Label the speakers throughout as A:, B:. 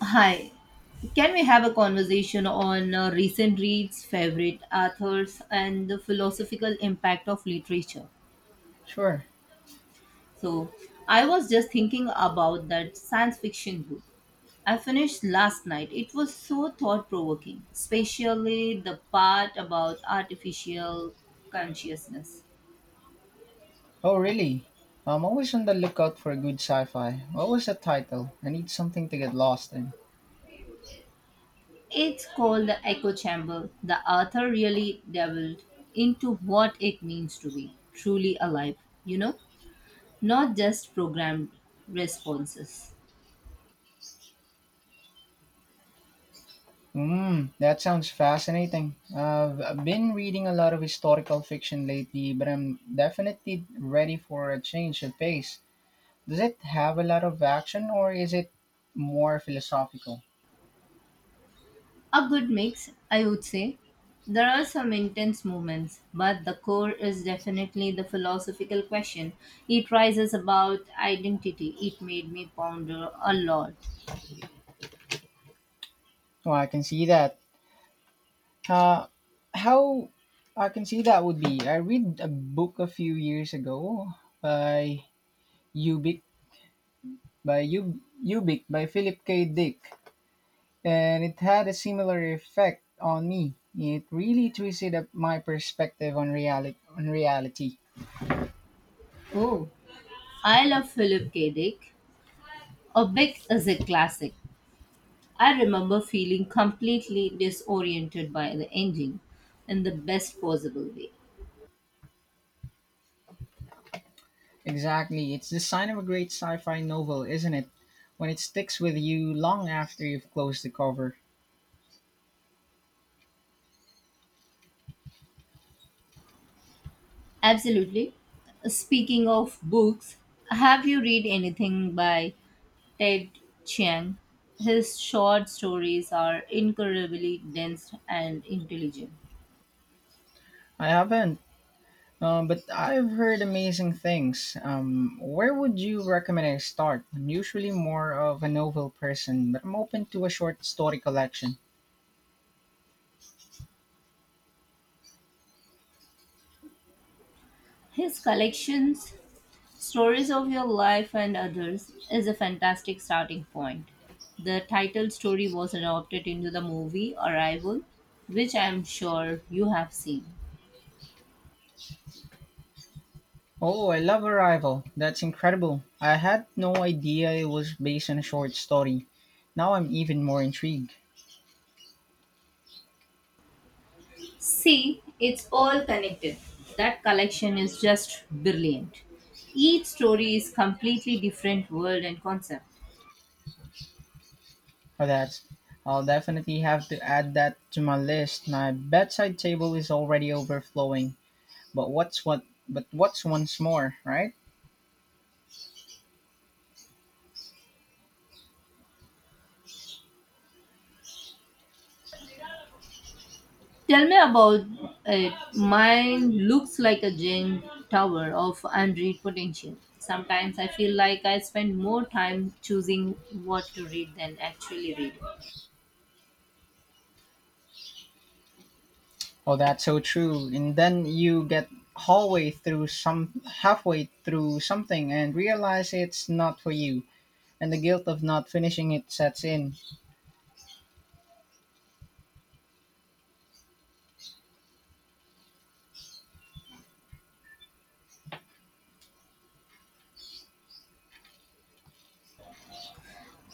A: Hi. Can we have a conversation on recent reads, favorite authors, and the philosophical impact of literature?
B: Sure.
A: So, I was just thinking about that science fiction book I finished last night. It was so thought provoking, especially the part about artificial consciousness.
B: Oh, really? I'm always on the lookout for good sci-fi. What was the title? I need something to get lost in.
A: It's called The Echo Chamber. The author really delved into what it means to be truly alive, you know? not just programmed responses.
B: Hmm, that sounds fascinating. I've been reading a lot of historical fiction lately, but I'm definitely ready for a change of pace. Does it have a lot of action or is it more philosophical?
A: A good mix, I would say. There are some intense moments, but the core is definitely the philosophical question. It rises about identity. It made me ponder a lot.
B: Well, I can see that. Uh, how I can see that would be. I read a book a few years ago by Ubik by U Ubik by Philip K. Dick, and it had a similar effect on me. It really twisted up my perspective on reality. On reality.
A: Oh, I love Philip K. Dick. A Big is a classic. I remember feeling completely disoriented by the ending in the best possible way.
B: Exactly, it's the sign of a great sci-fi novel, isn't it? When it sticks with you long after you've closed the cover.
A: Absolutely. Speaking of books, have you read anything by Ted Chiang? His short stories are incredibly dense and intelligent.
B: I haven't, but I've heard amazing things. Where would you recommend I start? I'm usually more of a novel person, but I'm open to a short story collection.
A: His collections, Stories of Your Life and Others, is a fantastic starting point. The title story was adopted into the movie Arrival, which I am sure you have seen.
B: Oh, I love Arrival. That's incredible. I had no idea it was based on a short story. Now I'm even more intrigued.
A: See, it's all connected. That collection is just brilliant. Each story is completely different world and concept.
B: For that, I'll definitely have to add that to my list. My bedside table is already overflowing. But what's what? But what's once more, right?
A: Tell me about it. Mine looks like a giant tower of unread potential. Sometimes I feel like I spend more time choosing what to read than actually reading.
B: Oh, that's so true. And then you get halfway through something and realize it's not for you, and the guilt of not finishing it sets in.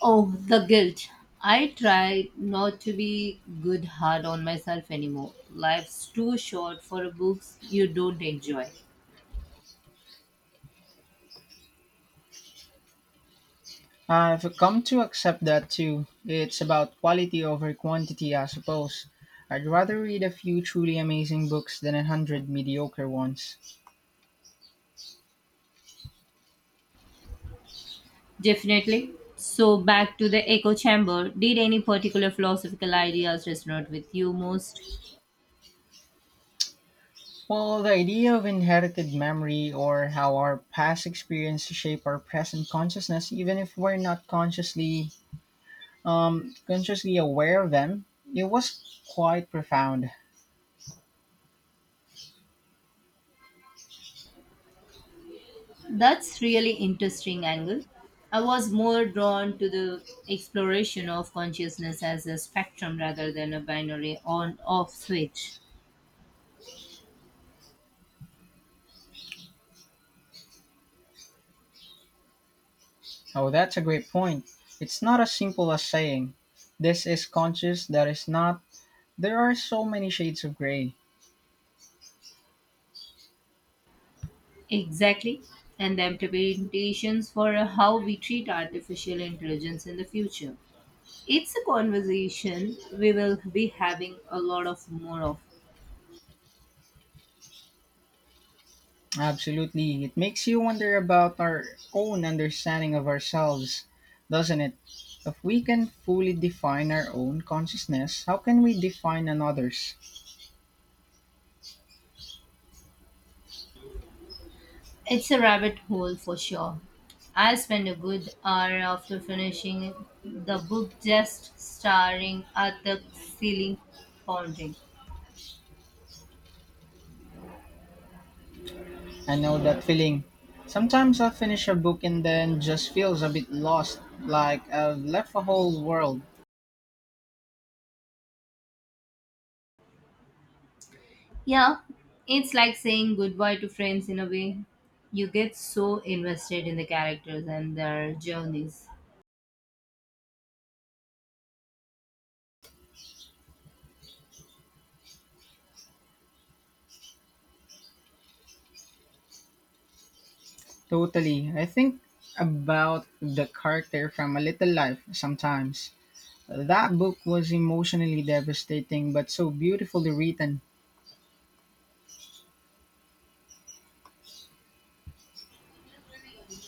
A: Oh, the guilt. I try not to be good hard on myself anymore. Life's too short for books you don't enjoy.
B: I've come to accept that too. It's about quality over quantity, I suppose. I'd rather read a few truly amazing books than a hundred mediocre ones.
A: Definitely. So, back to the echo chamber, did any particular philosophical ideas resonate with you most?
B: Well, the idea of inherited memory or how our past experiences shape our present consciousness, even if we're not consciously aware of them, it was quite profound.
A: That's really interesting angle. I was more drawn to the exploration of consciousness as a spectrum rather than a binary on off switch.
B: Oh, that's a great point. It's not as simple as saying, this is conscious, that is not. There are so many shades of gray.
A: Exactly. And the implications for how we treat artificial intelligence in the future. It's a conversation we will be having a lot of more of.
B: Absolutely. It makes you wonder about our own understanding of ourselves, doesn't it? If we can fully define our own consciousness, how can we define another's?
A: It's a rabbit hole for sure. I spent a good hour after finishing the book just staring at the ceiling pondering.
B: I know that feeling. Sometimes I finish a book and then just feels a bit lost, like I've left a whole world.
A: Yeah, it's like saying goodbye to friends in a way. You get so invested in the characters and their journeys.
B: Totally. I think about the character from A Little Life sometimes. That book was emotionally devastating but so beautifully written.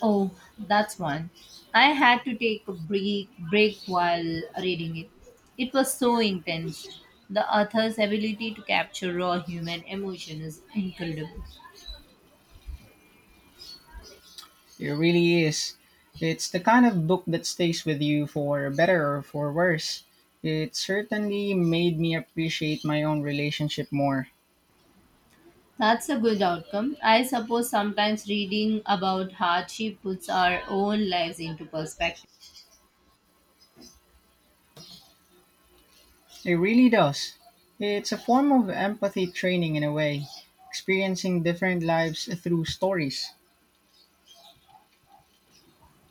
A: Oh, that's one. I had to take a break while reading it. It was so intense. The author's ability to capture raw human emotion is incredible.
B: It really is. It's the kind of book that stays with you for better or for worse. It certainly made me appreciate my own relationship more.
A: That's a good outcome. I suppose sometimes reading about hardship puts our own lives into perspective.
B: It really does. It's a form of empathy training in a way, experiencing different lives through stories.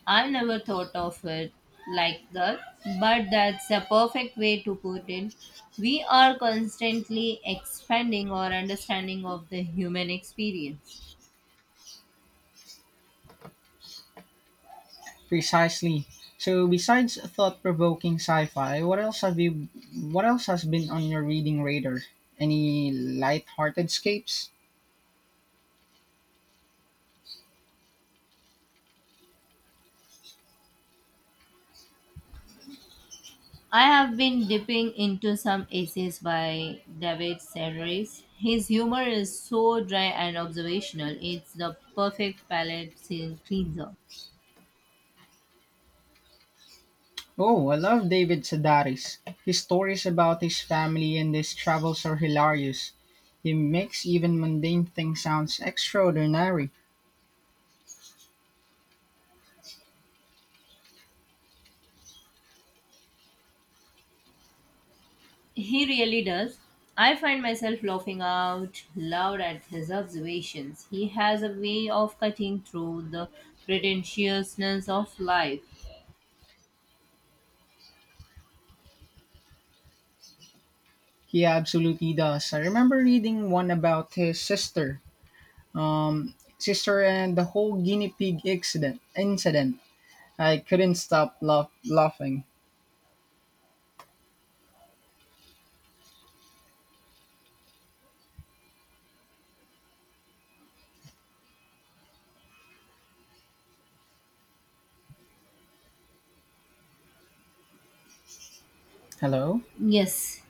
A: I never thought of it like that, but that's a perfect way to put it. We are constantly expanding our understanding of the human experience.
B: Precisely. So besides thought-provoking sci-fi, what else has been on your reading radar? Any light-hearted escapes?
A: I have been dipping into some essays by David Sedaris. His humor is so dry and observational, it's the perfect palate cleanser.
B: Oh, I love David Sedaris. His stories about his family and his travels are hilarious. He makes even mundane things sound extraordinary.
A: He really does. I find myself laughing out loud at his observations. He has a way of cutting through the pretentiousness of life.
B: He absolutely does. I remember reading one about his sister and the whole guinea pig incident. Incident. I couldn't stop laughing. Hello.
A: Yes,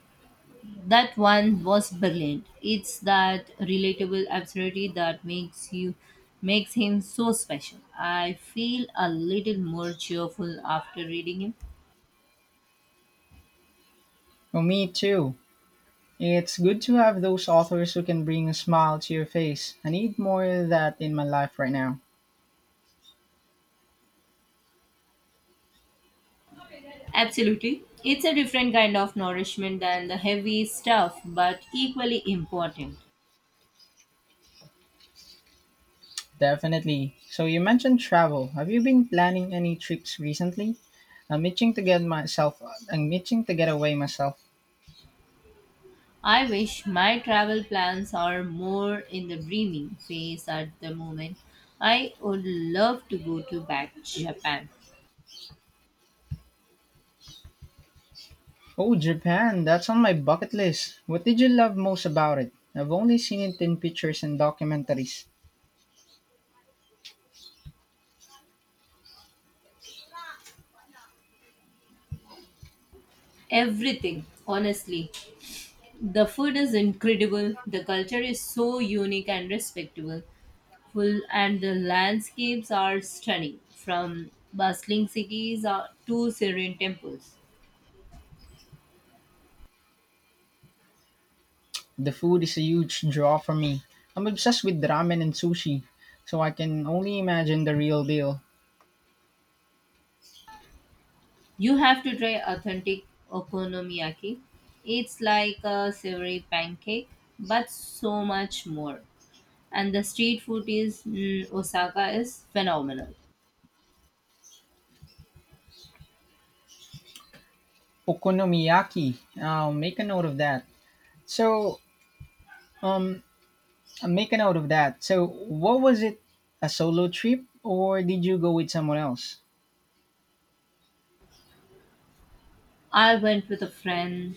A: that one was brilliant. It's that relatable absurdity that makes him so special. I feel a little more cheerful after reading him.
B: Oh, me too. It's good to have those authors who can bring a smile to your face. I need more of that in my life right now.
A: Absolutely. It's a different kind of nourishment than the heavy stuff, but equally important.
B: Definitely. So you mentioned travel. Have you been planning any trips recently? I'm itching to get myself. I'm itching to get away myself.
A: I wish my travel plans are more in the dreaming phase at the moment. I would love to go to back Japan.
B: Oh, Japan! That's on my bucket list. What did you love most about it? I've only seen it in pictures and documentaries.
A: Everything, honestly. The food is incredible, the culture is so unique and respectable, full and the landscapes are stunning from bustling cities to serene temples.
B: The food is a huge draw for me. I'm obsessed with ramen and sushi, so I can only imagine the real deal.
A: You have to try authentic okonomiyaki. It's like a savory pancake, but so much more. And the street food is in Osaka is phenomenal.
B: Okonomiyaki. I'll make a note of that. So, um, Make a note of that. So, what was it? A solo trip, or did you go with someone else?
A: I went with a friend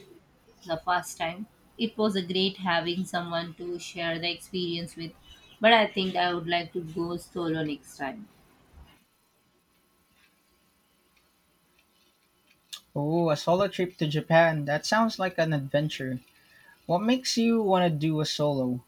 A: the first time. It was a great having someone to share the experience with, but I think I would like to go solo next time.
B: Oh, a solo trip to Japan. That sounds like an adventure. What makes you want to do a solo?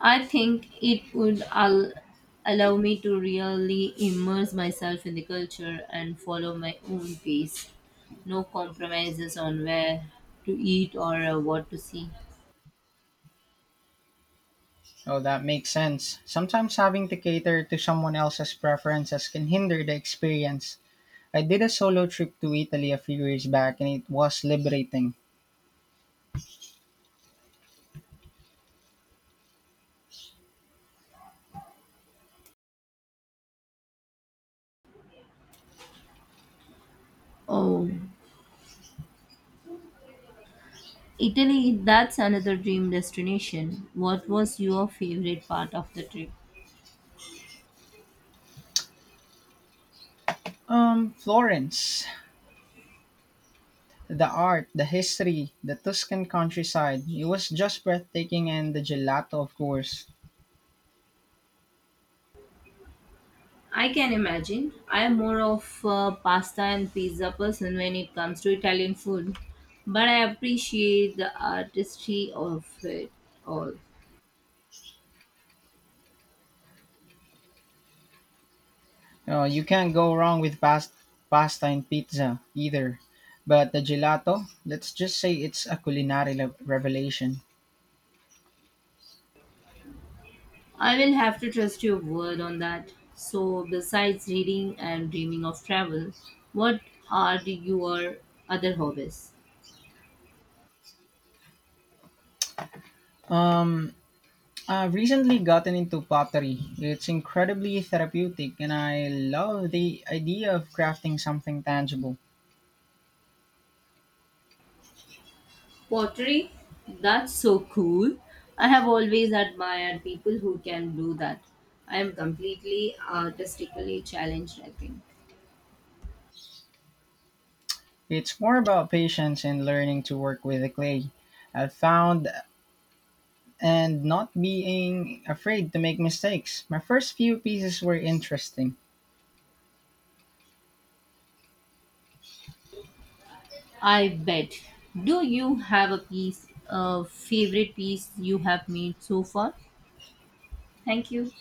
A: I think it would allow me to really immerse myself in the culture and follow my own pace. No compromises on where to eat or what to see.
B: Oh, that makes sense. Sometimes having to cater to someone else's preferences can hinder the experience. I did a solo trip to Italy a few years back and it was liberating.
A: Oh. Italy, that's another dream destination. What was your favorite part of the trip?
B: Florence, the art, the history, the Tuscan countryside, it was just breathtaking and the gelato, of course.
A: I can imagine. I am more of a pasta and pizza person when it comes to Italian food, but I appreciate the artistry of it all.
B: You can't go wrong with pasta and pizza either. But the gelato, let's just say it's a culinary revelation.
A: I will have to trust your word on that. So, besides reading and dreaming of travel, what are your other hobbies?
B: I've recently gotten into pottery. It's incredibly therapeutic, and I love the idea of crafting something tangible.
A: Pottery? That's so cool. I have always admired people who can do that. I am completely artistically challenged, I think.
B: It's more about patience and learning to work with the clay. I've found and not being afraid to make mistakes. My first few pieces were interesting.
A: I bet. Do you have a favorite piece you have made so far? Thank you.